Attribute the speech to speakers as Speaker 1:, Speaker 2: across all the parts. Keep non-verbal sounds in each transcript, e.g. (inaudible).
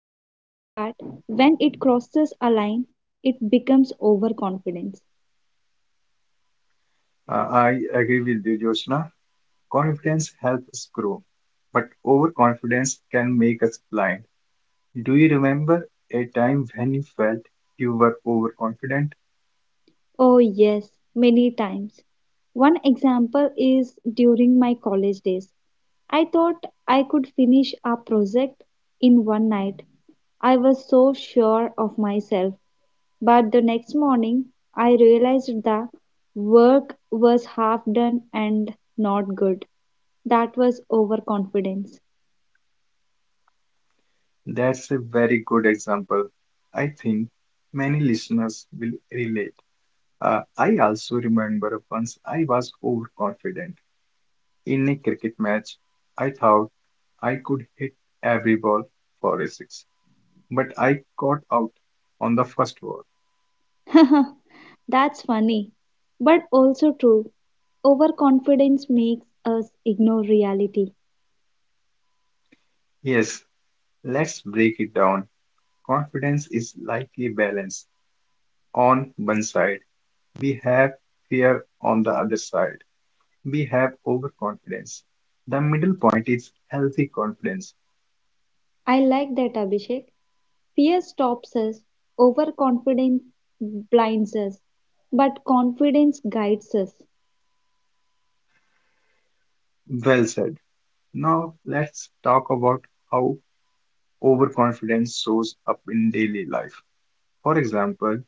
Speaker 1: but when it crosses a line, it becomes overconfidence.
Speaker 2: I agree with you, Jyotsna. Confidence helps us grow, but overconfidence can make us blind. Do you remember a time when you felt you were overconfident?
Speaker 1: Oh, yes, many times. One example is during my college days. I thought I could finish a project in one night. I was so sure of myself. But the next morning, I realized the work was half done and not good. That was overconfidence.
Speaker 2: That's a very good example. I think many listeners will relate. I also remember once I was overconfident in a cricket match. I thought I could hit every ball for a six, but I got out on the first ball.
Speaker 1: (laughs) That's funny, but also true. Overconfidence makes us ignore reality.
Speaker 2: Yes, let's break it down. Confidence is likely balanced. On one side, we have fear, on the other side, we have overconfidence. The middle point is healthy confidence.
Speaker 1: I like that, Abhishek. Fear stops us, overconfidence blinds us, but confidence guides us.
Speaker 2: Well said. Now, let's talk about how overconfidence shows up in daily life. For example,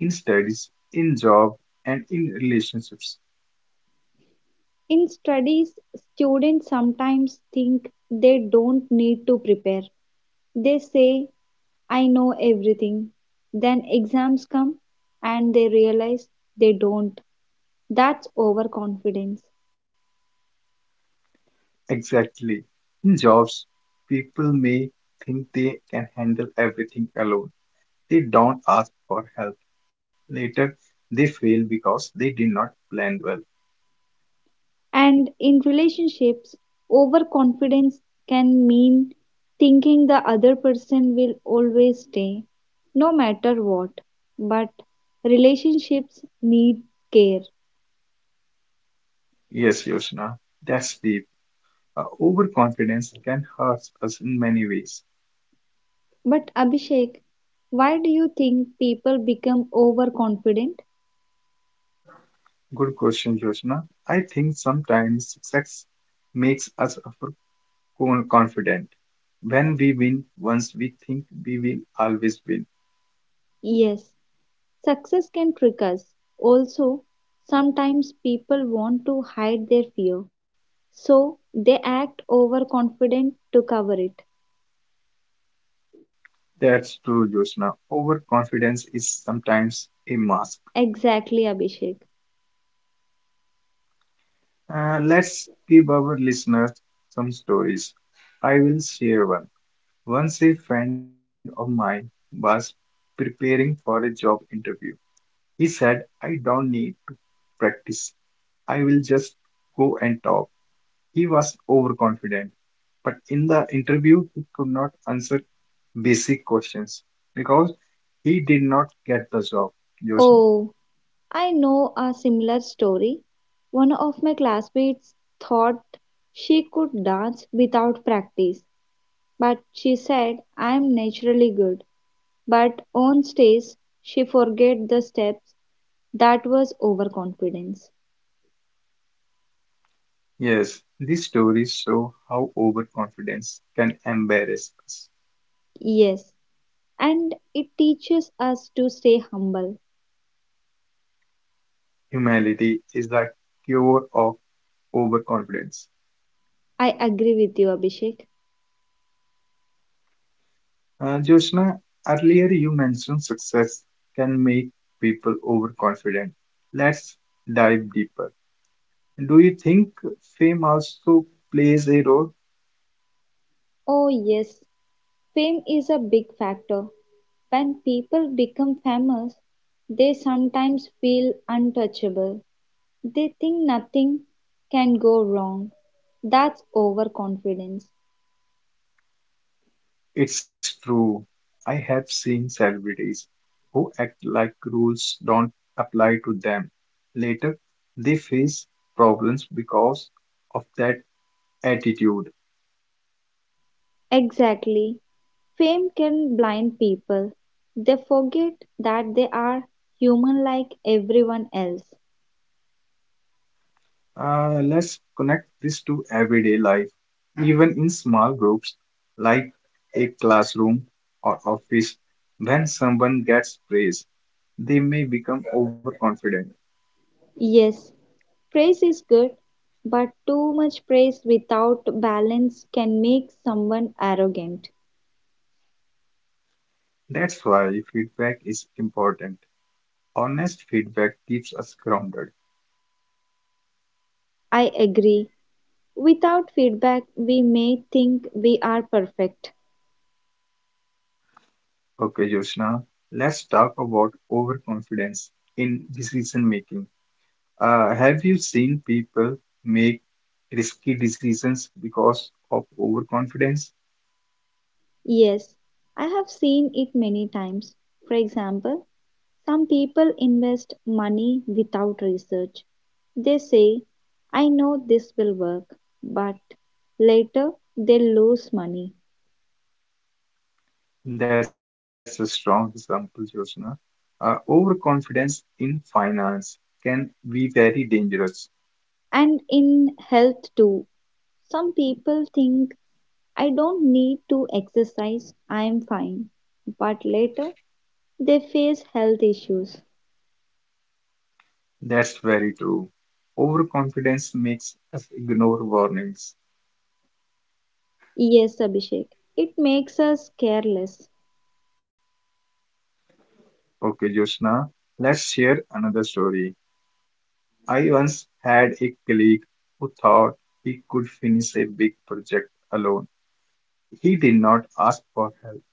Speaker 2: in studies, in job, and in relationships.
Speaker 1: In studies, students sometimes think they don't need to prepare. They say, I know everything. Then exams come and they realize they don't. That's overconfidence.
Speaker 2: Exactly. In jobs, people may think they can handle everything alone. They don't ask for help. Later, they fail because they did not plan well.
Speaker 1: And in relationships, overconfidence can mean thinking the other person will always stay, no matter what. But relationships need care.
Speaker 2: Yes, Yoshna, that's deep. Overconfidence can hurt us in many ways.
Speaker 1: But Abhishek, why do you think people become overconfident?
Speaker 2: Good question, Yoshna. I think sometimes success makes us overconfident. When we win once, we think we will always win.
Speaker 1: Yes, success can trick us. Also, sometimes people want to hide their fear, so they act overconfident to cover it.
Speaker 2: That's true, Yoshna. Overconfidence is sometimes a mask.
Speaker 1: Exactly, Abhishek.
Speaker 2: Let's give our listeners some stories. I will share one. Once a friend of mine was preparing for a job interview. He said, I don't need to practice. I will just go and talk. He was overconfident, but in the interview, he could not answer basic questions because he did not get the job. Yoshimi.
Speaker 1: Oh, I know a similar story. One of my classmates thought she could dance without practice, but she said, I'm naturally good. But on stage, she forget the steps. That was overconfidence.
Speaker 2: Yes, these stories show how overconfidence can embarrass us.
Speaker 1: Yes, and it teaches us to stay humble.
Speaker 2: Humility is the cure of overconfidence.
Speaker 1: I agree with you, Abhishek.
Speaker 2: Joshna, earlier you mentioned success can make people overconfident. Let's dive deeper. Do you think fame also plays a role?
Speaker 1: Oh, yes, fame is a big factor. When people become famous, they sometimes feel untouchable. They think nothing can go wrong. That's overconfidence.
Speaker 2: It's true. I have seen celebrities who act like rules don't apply to them. Later, they face problems because of that attitude.
Speaker 1: Exactly. Fame can blind people. They forget that they are human like everyone else.
Speaker 2: Let's connect this to everyday life, even in small groups like a classroom or office. When someone gets praise, they may become overconfident.
Speaker 1: Yes, praise is good, but too much praise without balance can make someone arrogant.
Speaker 2: That's why feedback is important. Honest feedback keeps us grounded.
Speaker 1: I agree. Without feedback, we may think we are perfect.
Speaker 2: Okay, Joshna, let's talk about overconfidence in decision making. Have you seen people make risky decisions because of overconfidence?
Speaker 1: Yes, I have seen it many times. For example, some people invest money without research. They say, I know this will work, but later they lose money.
Speaker 2: That's a strong example, Jyotsna. Overconfidence in finance can be very dangerous.
Speaker 1: And in health, too, some people think, I don't need to exercise, I am fine. But later they face health issues.
Speaker 2: That's very true. Overconfidence makes us ignore warnings.
Speaker 1: Yes, Abhishek. It makes us careless.
Speaker 2: Okay, Jyotsna, let's share another story. I once had a colleague who thought he could finish a big project alone. He did not ask for help.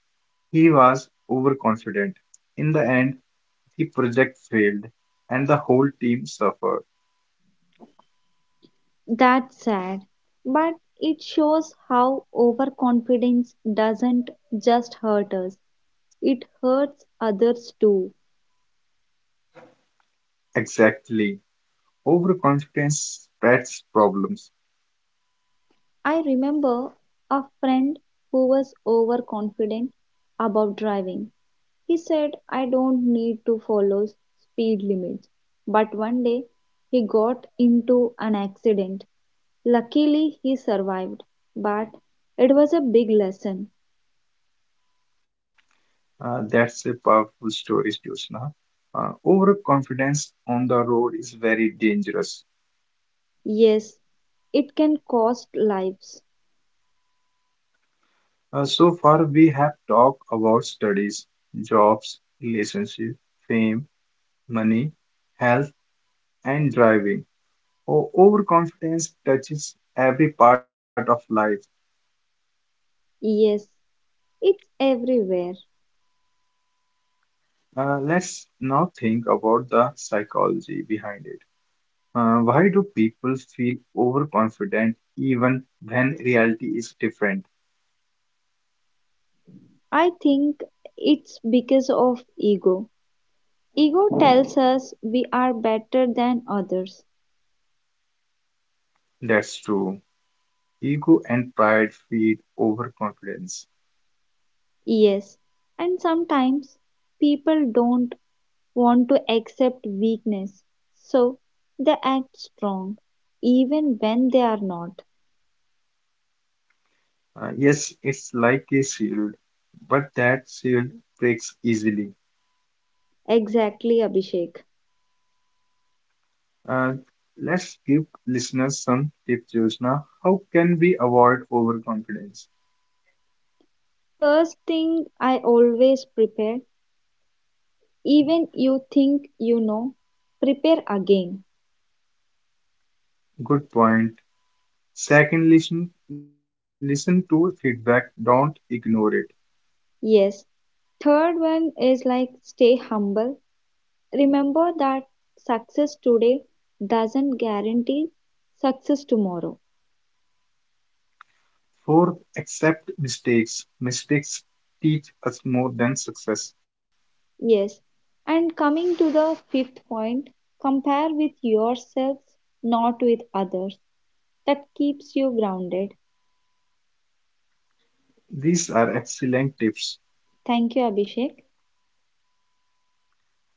Speaker 2: He was overconfident. In the end, the project failed and the whole team suffered.
Speaker 1: That's sad. But it shows how overconfidence doesn't just hurt us, it hurts others too.
Speaker 2: Exactly. Overconfidence spreads problems.
Speaker 1: I remember a friend who was overconfident about driving. He said, I don't need to follow speed limits. But one day he got into an accident. Luckily, he survived, but it was a big lesson.
Speaker 2: That's a powerful story, Jyotsna. Overconfidence on the road is very dangerous.
Speaker 1: Yes, it can cost lives.
Speaker 2: So far, we have talked about studies, jobs, relationship, fame, money, health, and driving. Overconfidence touches every part of life.
Speaker 1: Yes, it's everywhere.
Speaker 2: Let's now think about the psychology behind it. Why do people feel overconfident even when reality is different?
Speaker 1: I think it's because of ego. Ego tells us we are better than others.
Speaker 2: That's true. Ego and pride feed overconfidence.
Speaker 1: Yes, and sometimes people don't want to accept weakness, so they act strong even when they are not.
Speaker 2: Yes, it's like a shield, but that shield breaks easily.
Speaker 1: Exactly, Abhishek.
Speaker 2: Uh, let's give listeners some tips, Jyotsna. How can we avoid overconfidence?
Speaker 1: First thing, I always prepare. Even you think you know, prepare again.
Speaker 2: Good point. Second, listen to feedback. Don't ignore it.
Speaker 1: Yes, third one is like stay humble. Remember that success today doesn't guarantee success tomorrow.
Speaker 2: Fourth, accept mistakes. Mistakes teach us more than success.
Speaker 1: Yes, and coming to the fifth point, compare with yourselves, not with others. That keeps you grounded.
Speaker 2: These are excellent tips.
Speaker 1: Thank you, Abhishek.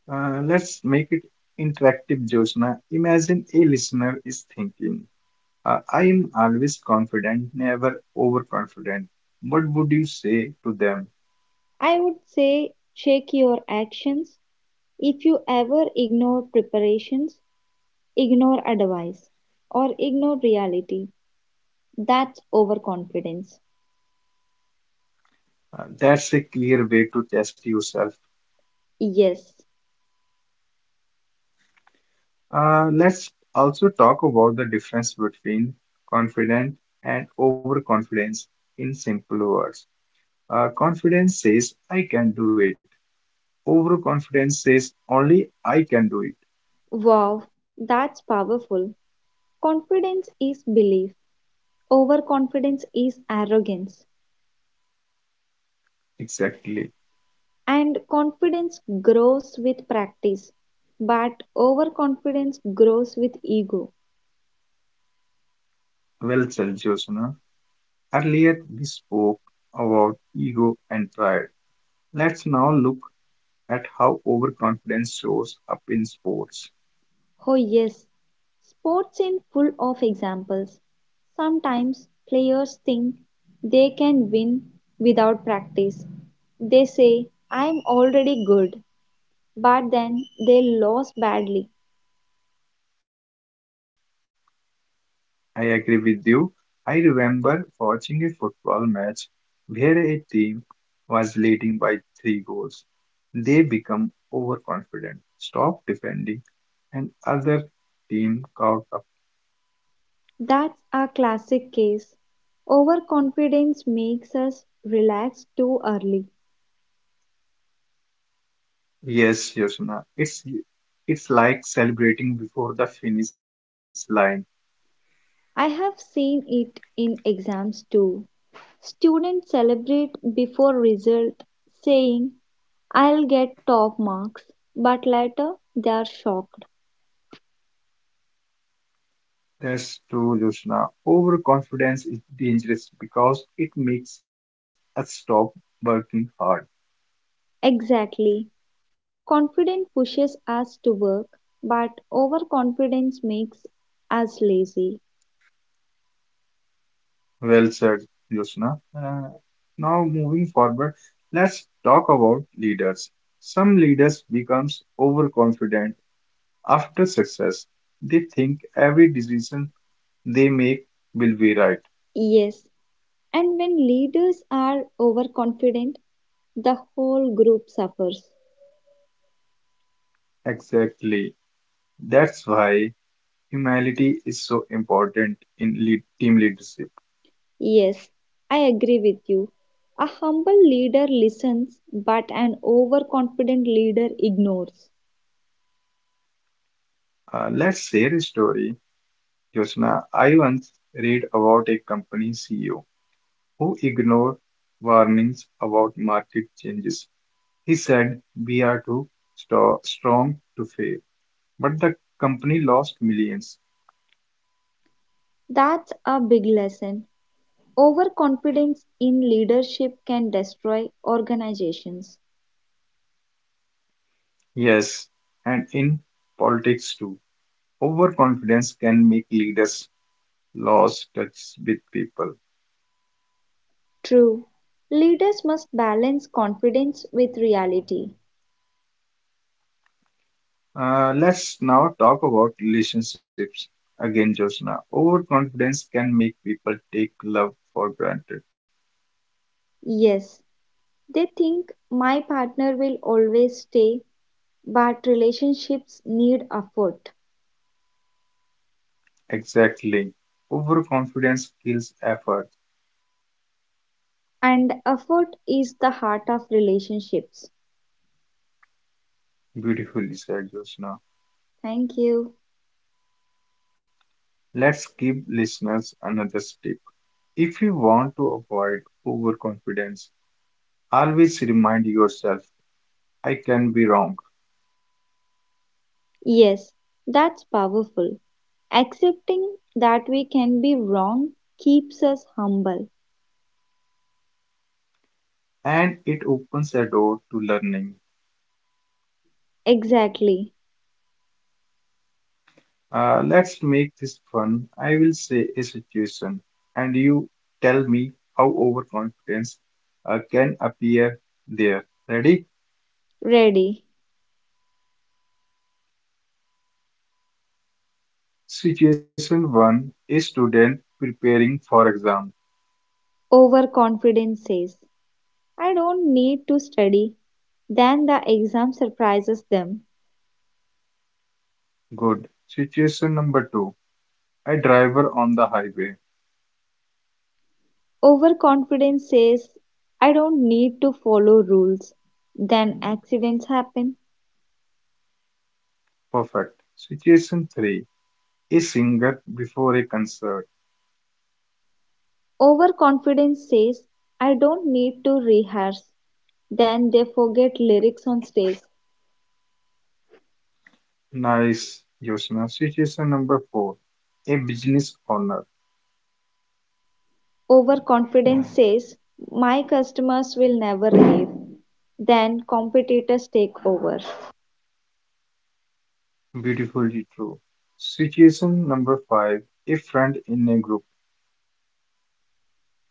Speaker 2: Let's make it interactive, Josna. Imagine a listener is thinking, I am always confident, never overconfident. What would you say to them?
Speaker 1: I would say check your actions. If you ever ignore preparations, ignore advice or ignore reality. That's overconfidence.
Speaker 2: That's a clear way to test yourself.
Speaker 1: Yes.
Speaker 2: Let's also talk about the difference between confident and overconfidence in simple words. Confidence says, I can do it. Overconfidence says, only I can do it.
Speaker 1: Wow. That's powerful. Confidence is belief. Overconfidence is arrogance.
Speaker 2: Exactly.
Speaker 1: And confidence grows with practice. But overconfidence grows with ego.
Speaker 2: Well said, Jyotsna. Earlier we spoke about ego and pride. Let's now look at how overconfidence shows up in sports.
Speaker 1: Oh yes, sports in full of examples. Sometimes players think they can win without practice. They say, I'm already good, but then they lose badly.
Speaker 2: I agree with you. I remember watching a football match where a team was leading by three goals. They become overconfident, stop defending, and other team caught a.
Speaker 1: That's a classic case. Overconfidence makes us relax too early.
Speaker 2: Yes, Yoshina. It's like celebrating before the finish line.
Speaker 1: I have seen it in exams too. Students celebrate before result saying I'll get top marks, but later they are shocked.
Speaker 2: That's true, Yoshina. Overconfidence is dangerous because it makes us stop working hard.
Speaker 1: Exactly. Confidence pushes us to work, but overconfidence makes us lazy.
Speaker 2: Well said, Yoshina. Now moving forward, let's talk about leaders. Some leaders becomes overconfident after success. They think every decision they make will be right.
Speaker 1: Yes, and when leaders are overconfident, the whole group suffers.
Speaker 2: Exactly. That's why Humility is so important in lead, team leadership.
Speaker 1: Yes, I agree with you. A humble leader listens, but an overconfident leader ignores.
Speaker 2: Let's share a story. Josna, I once read about a company CEO who ignored warnings about market changes. He said, We are too strong to fail. But the company lost millions.
Speaker 1: That's a big lesson. Overconfidence in leadership can destroy organizations.
Speaker 2: Yes, and in politics too. Overconfidence can make leaders lose touch with people.
Speaker 1: True. Leaders must balance confidence with reality.
Speaker 2: Let's now talk about relationships again, Josna. Overconfidence can make people take love for granted.
Speaker 1: Yes, they think my partner will always stay, but relationships need effort.
Speaker 2: Exactly. Overconfidence kills effort.
Speaker 1: And effort is the heart of relationships.
Speaker 2: Beautifully said, Josna.
Speaker 1: Thank you.
Speaker 2: Let's give listeners another tip. If you want to avoid overconfidence, always remind yourself, I can be wrong.
Speaker 1: Yes, that's powerful. Accepting that we can be wrong keeps us humble.
Speaker 2: And it opens a door to learning.
Speaker 1: Exactly.
Speaker 2: Let's make this fun. I will say a situation, and you tell me how overconfidence can appear there. Ready?
Speaker 1: Ready.
Speaker 2: Situation 1. A student preparing for exam.
Speaker 1: Overconfidence says, I don't need to study. Then the exam surprises them.
Speaker 2: Good. Situation number 2. A driver on the highway.
Speaker 1: Overconfidence says, I don't need to follow rules. Then accidents happen.
Speaker 2: Perfect. Situation 3. A singer before a concert.
Speaker 1: Overconfidence says, I don't need to rehearse. Then they forget lyrics on stage.
Speaker 2: Nice, Yosna. Situation number 4. A business owner.
Speaker 1: Overconfidence says, my customers will never leave. Then competitors take over.
Speaker 2: Beautifully true. Situation number 5, a friend in a group.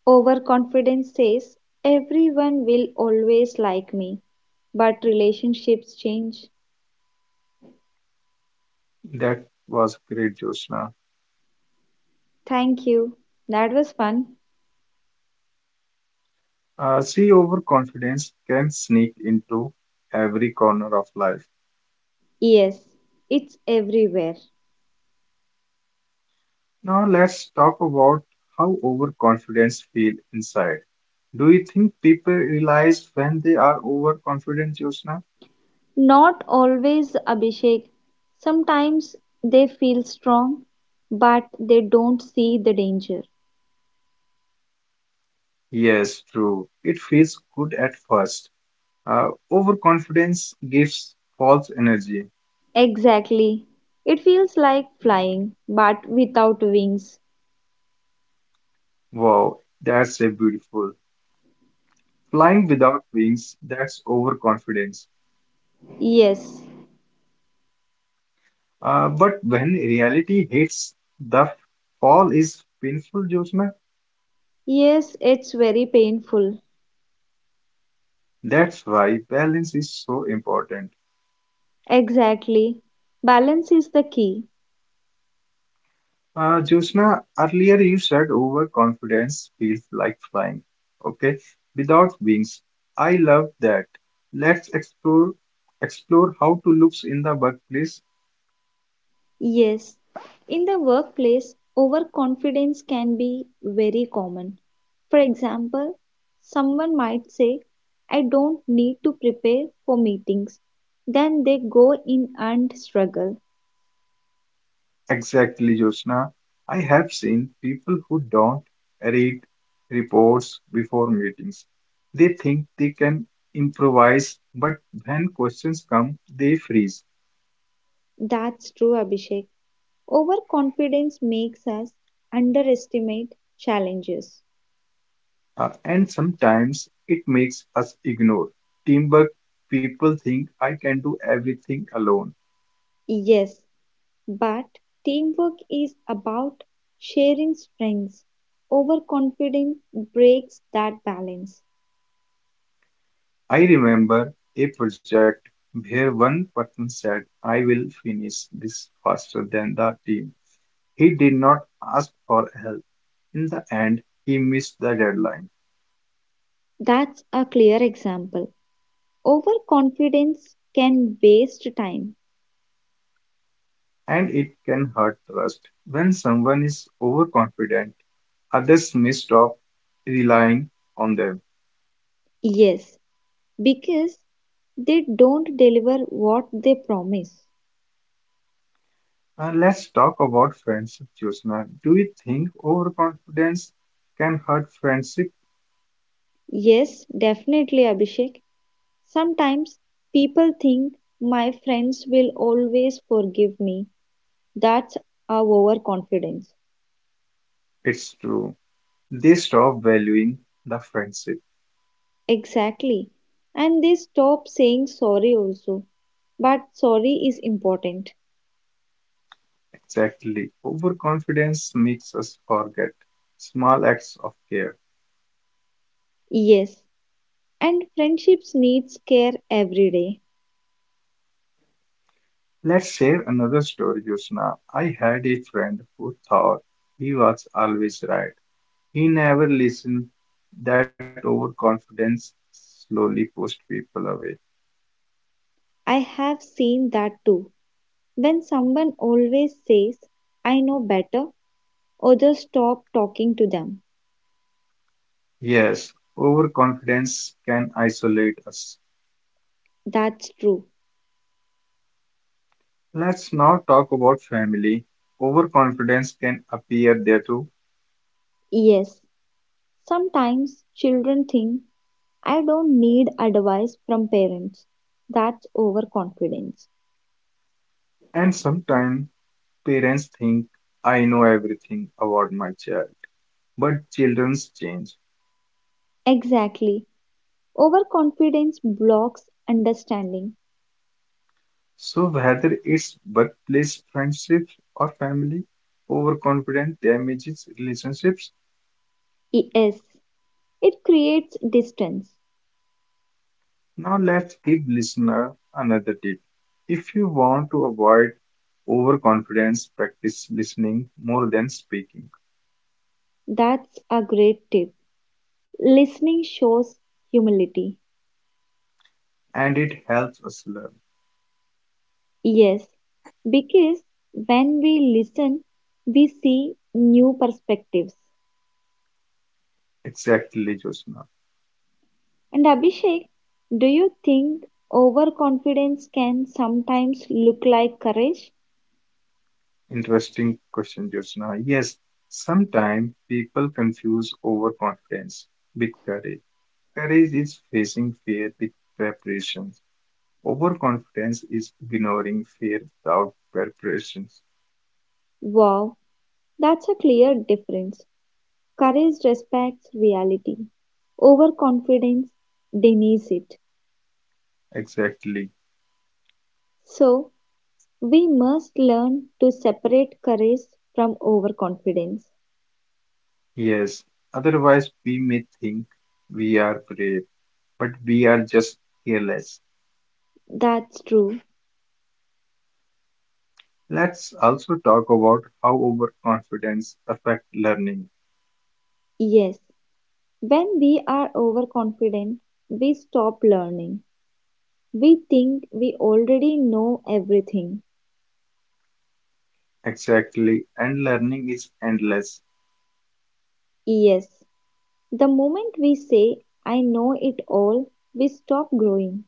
Speaker 1: Overconfidence says, everyone will always like me. But relationships change.
Speaker 2: That was great, Jyotsna.
Speaker 1: Thank you. That was fun.
Speaker 2: See, overconfidence can sneak into every corner of life.
Speaker 1: Yes, it's everywhere.
Speaker 2: Now, let's talk about how overconfidence feel inside. Do you think people realize when they are overconfident, Jyotsna?
Speaker 1: Not always, Abhishek. Sometimes they feel strong, but they don't see the danger.
Speaker 2: Yes, true. It feels good at first. Overconfidence gives false energy.
Speaker 1: Exactly. It feels like flying, but without wings.
Speaker 2: Wow, that's a beautiful. Flying without wings, that's overconfidence.
Speaker 1: Yes.
Speaker 2: But when reality hits, the fall is painful, Jyotsna.
Speaker 1: Yes, it's very painful.
Speaker 2: That's why balance is so important.
Speaker 1: Exactly. Balance is the key.
Speaker 2: Jyotsna, earlier you said overconfidence feels like flying. Okay, without wings. I love that. Let's explore how to looks in the workplace.
Speaker 1: Yes, in the workplace, overconfidence can be very common. For example, someone might say, I don't need to prepare for meetings. Then they go in and struggle.
Speaker 2: Exactly, Jyotsna. I have seen people who don't read reports before meetings. They think they can improvise, but when questions come, they freeze.
Speaker 1: That's true, Abhishek. Overconfidence makes us underestimate challenges.
Speaker 2: And sometimes it makes us ignore. Teamwork, people think I can do everything alone.
Speaker 1: Yes, but teamwork is about sharing strengths. Overconfidence breaks that balance.
Speaker 2: I remember a project where one person said, I will finish this faster than the team. He did not ask for help. In the end, he missed the deadline,
Speaker 1: That's a clear example. Overconfidence can waste time.
Speaker 2: and it can hurt trust. When someone is overconfident, others may stop relying on them.
Speaker 1: Yes, because they don't deliver what they promise.
Speaker 2: Let's talk about friendship, Jyotsna. Do you think overconfidence can hurt friendship?
Speaker 1: Yes, definitely, Abhishek. Sometimes people think my friends will always forgive me. That's our overconfidence.
Speaker 2: It's true. They stop valuing the friendship.
Speaker 1: Exactly. And they stop saying sorry also. But sorry is important.
Speaker 2: Exactly. Overconfidence makes us forget small acts of care.
Speaker 1: Yes, and friendships needs care every day.
Speaker 2: Let's share another story, Jyotsna. I had a friend who thought he was always right. He never listened. That overconfidence slowly pushed people away.
Speaker 1: I have seen that too. When someone always says, I know better, others stop talking to them.
Speaker 2: Yes, overconfidence can isolate us.
Speaker 1: That's true.
Speaker 2: Let's now talk about family. Overconfidence can appear there too.
Speaker 1: Yes. Sometimes children think, I don't need advice from parents. That's overconfidence.
Speaker 2: And sometimes parents think, I know everything about my child. But children change.
Speaker 1: Exactly. Overconfidence blocks understanding.
Speaker 2: So whether it's workplace, friendships, or family, overconfidence damages relationships.
Speaker 1: Yes. It creates distance.
Speaker 2: Now let's give listener another tip. If you want to avoid overconfidence, practice listening more than speaking,
Speaker 1: That's a great tip. Listening shows humility.
Speaker 2: and it helps us learn.
Speaker 1: Yes, because when we listen, we see new perspectives.
Speaker 2: Exactly, Josna.
Speaker 1: And Abhishek, do you think overconfidence can sometimes look like courage?
Speaker 2: Interesting question, Josna. Yes, sometimes people confuse overconfidence with courage. Courage is facing fear with preparation. Overconfidence is ignoring fear without preparations.
Speaker 1: Wow, that's a clear difference. Courage respects reality, overconfidence denies it.
Speaker 2: Exactly.
Speaker 1: So, we must learn to separate courage from overconfidence.
Speaker 2: Yes. Otherwise, we may think we are brave, but we are just careless.
Speaker 1: That's true.
Speaker 2: Let's also talk about how overconfidence affects learning.
Speaker 1: Yes. When we are overconfident, we stop learning. We think we already know everything.
Speaker 2: Exactly. And learning is endless.
Speaker 1: Yes, the moment we say, I know it all, we stop growing.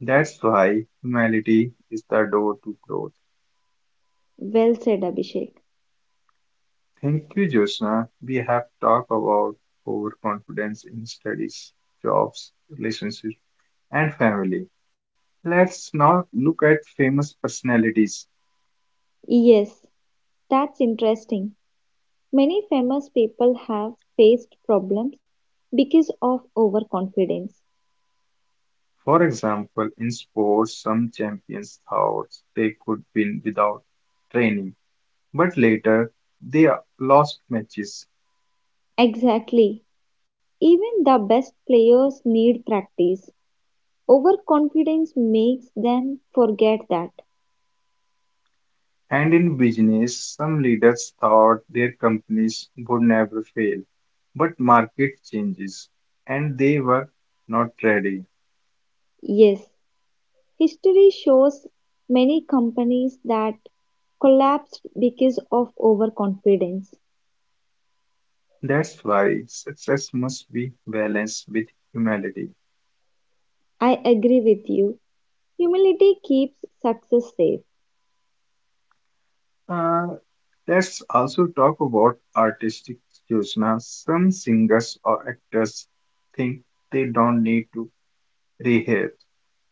Speaker 2: That's why humility is the door to growth.
Speaker 1: Well said, Abhishek.
Speaker 2: Thank you, Jyotsna. We have talked about overconfidence in studies, jobs, relationships, and family. Let's now look at famous personalities.
Speaker 1: Yes, that's interesting. Many famous people have faced problems because of overconfidence.
Speaker 2: For example, in sports, some champions thought they could win without training, but later they lost matches.
Speaker 1: Exactly. Even the best players need practice. Overconfidence makes them forget that.
Speaker 2: And in business, some leaders thought their companies would never fail, but market changes and they were not ready.
Speaker 1: Yes, history shows many companies that collapsed because of overconfidence.
Speaker 2: That's why success must be balanced with humility.
Speaker 1: I agree with you. Humility keeps success safe.
Speaker 2: Uh, Let's also talk about artistic choices. Some singers or actors think they don't need to rehearse.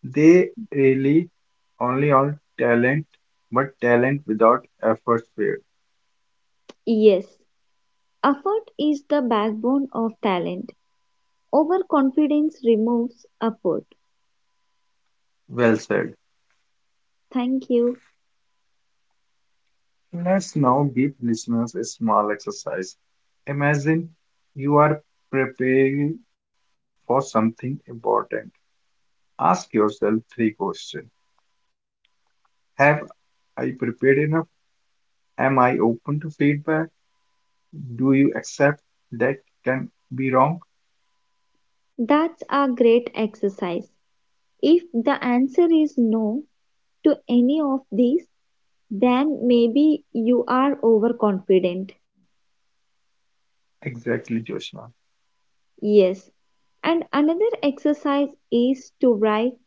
Speaker 2: They really only on talent, but talent without effort failed.
Speaker 1: Yes, effort is the backbone of talent. Overconfidence removes effort.
Speaker 2: Well said.
Speaker 1: Thank you.
Speaker 2: Let's now give listeners a small exercise. Imagine you are preparing for something important. Ask yourself three questions. Have I prepared enough? Am I open to feedback? Do you accept that can be wrong?
Speaker 1: That's a great exercise. If the answer is no to any of these, then maybe you are overconfident.
Speaker 2: Exactly, Joshua.
Speaker 1: Yes. And another exercise is to write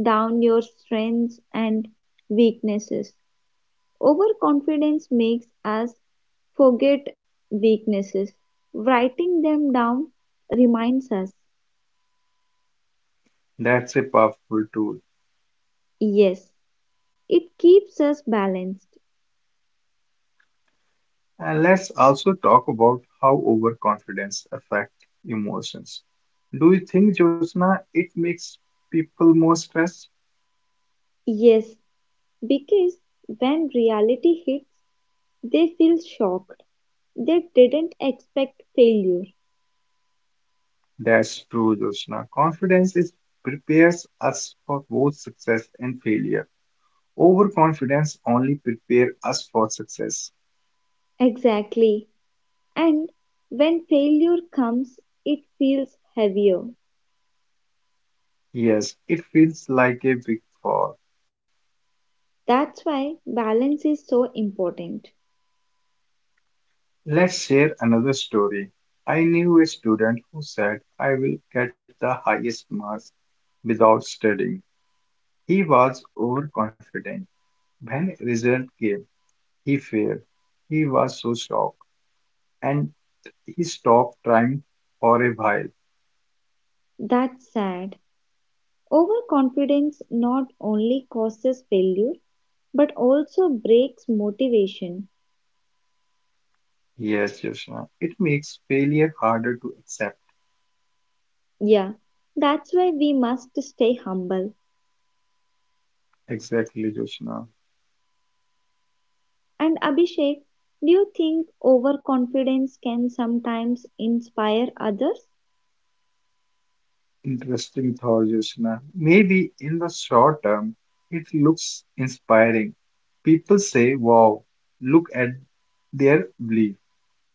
Speaker 1: down your strengths and weaknesses. Overconfidence makes us forget weaknesses. Writing them down reminds us.
Speaker 2: That's a powerful tool.
Speaker 1: Yes. It keeps us balanced.
Speaker 2: And let's also talk about how overconfidence affects emotions. Do you think, Joshua, it makes people more stressed?
Speaker 1: Yes. Because when reality hits, they feel shocked. They didn't expect failure.
Speaker 2: That's true, Joshua. Confidence is prepares us for both success and failure. Overconfidence only prepares us for success.
Speaker 1: Exactly. And when failure comes, it feels heavier.
Speaker 2: Yes, it feels like a big fall.
Speaker 1: That's why balance is so important.
Speaker 2: Let's share another story. I knew a student who said, I will get the highest marks without studying. He was overconfident. When result came, he failed. He was so shocked and he stopped trying for a while.
Speaker 1: That's sad. Overconfidence not only causes failure but also breaks motivation.
Speaker 2: Yes, Joshna. It makes failure harder to accept.
Speaker 1: Yeah, that's why we must stay humble.
Speaker 2: Exactly, Joshna.
Speaker 1: And Abhishek, do you think overconfidence can sometimes inspire others?
Speaker 2: Interesting thought, Yoshina. Maybe in the short term, it looks inspiring. People say, wow, look at their belief.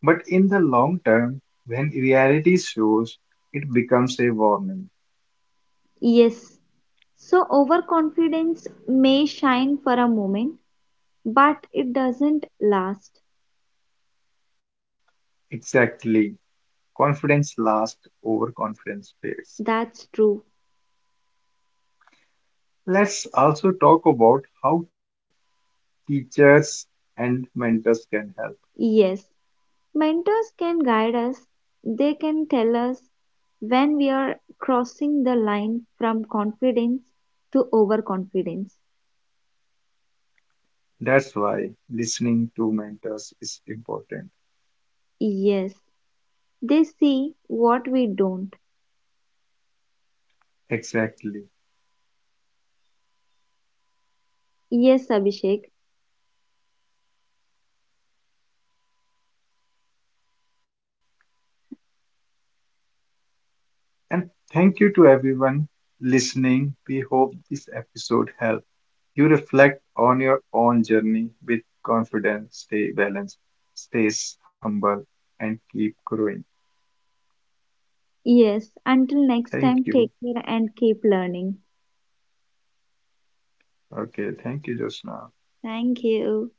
Speaker 2: But in the long term, when reality shows, it becomes a warning.
Speaker 1: Yes. So, overconfidence may shine for a moment, but it doesn't last.
Speaker 2: Exactly. Confidence lasts, overconfidence fades.
Speaker 1: That's true.
Speaker 2: Let's also talk about how teachers and mentors can help.
Speaker 1: Yes. Mentors can guide us, they can tell us when we are crossing the line from confidence to overconfidence.
Speaker 2: That's why listening to mentors is important.
Speaker 1: Yes. They see what we don't.
Speaker 2: Exactly.
Speaker 1: Yes, Abhishek.
Speaker 2: And thank you to everyone listening. We hope this episode helped you reflect on your own journey with confidence, stay balanced, stay humble, and keep growing.
Speaker 1: Yes. Until next
Speaker 2: Thank
Speaker 1: time,
Speaker 2: you.
Speaker 1: take care and keep learning.
Speaker 2: Okay, thank you, Josna.
Speaker 1: Thank you.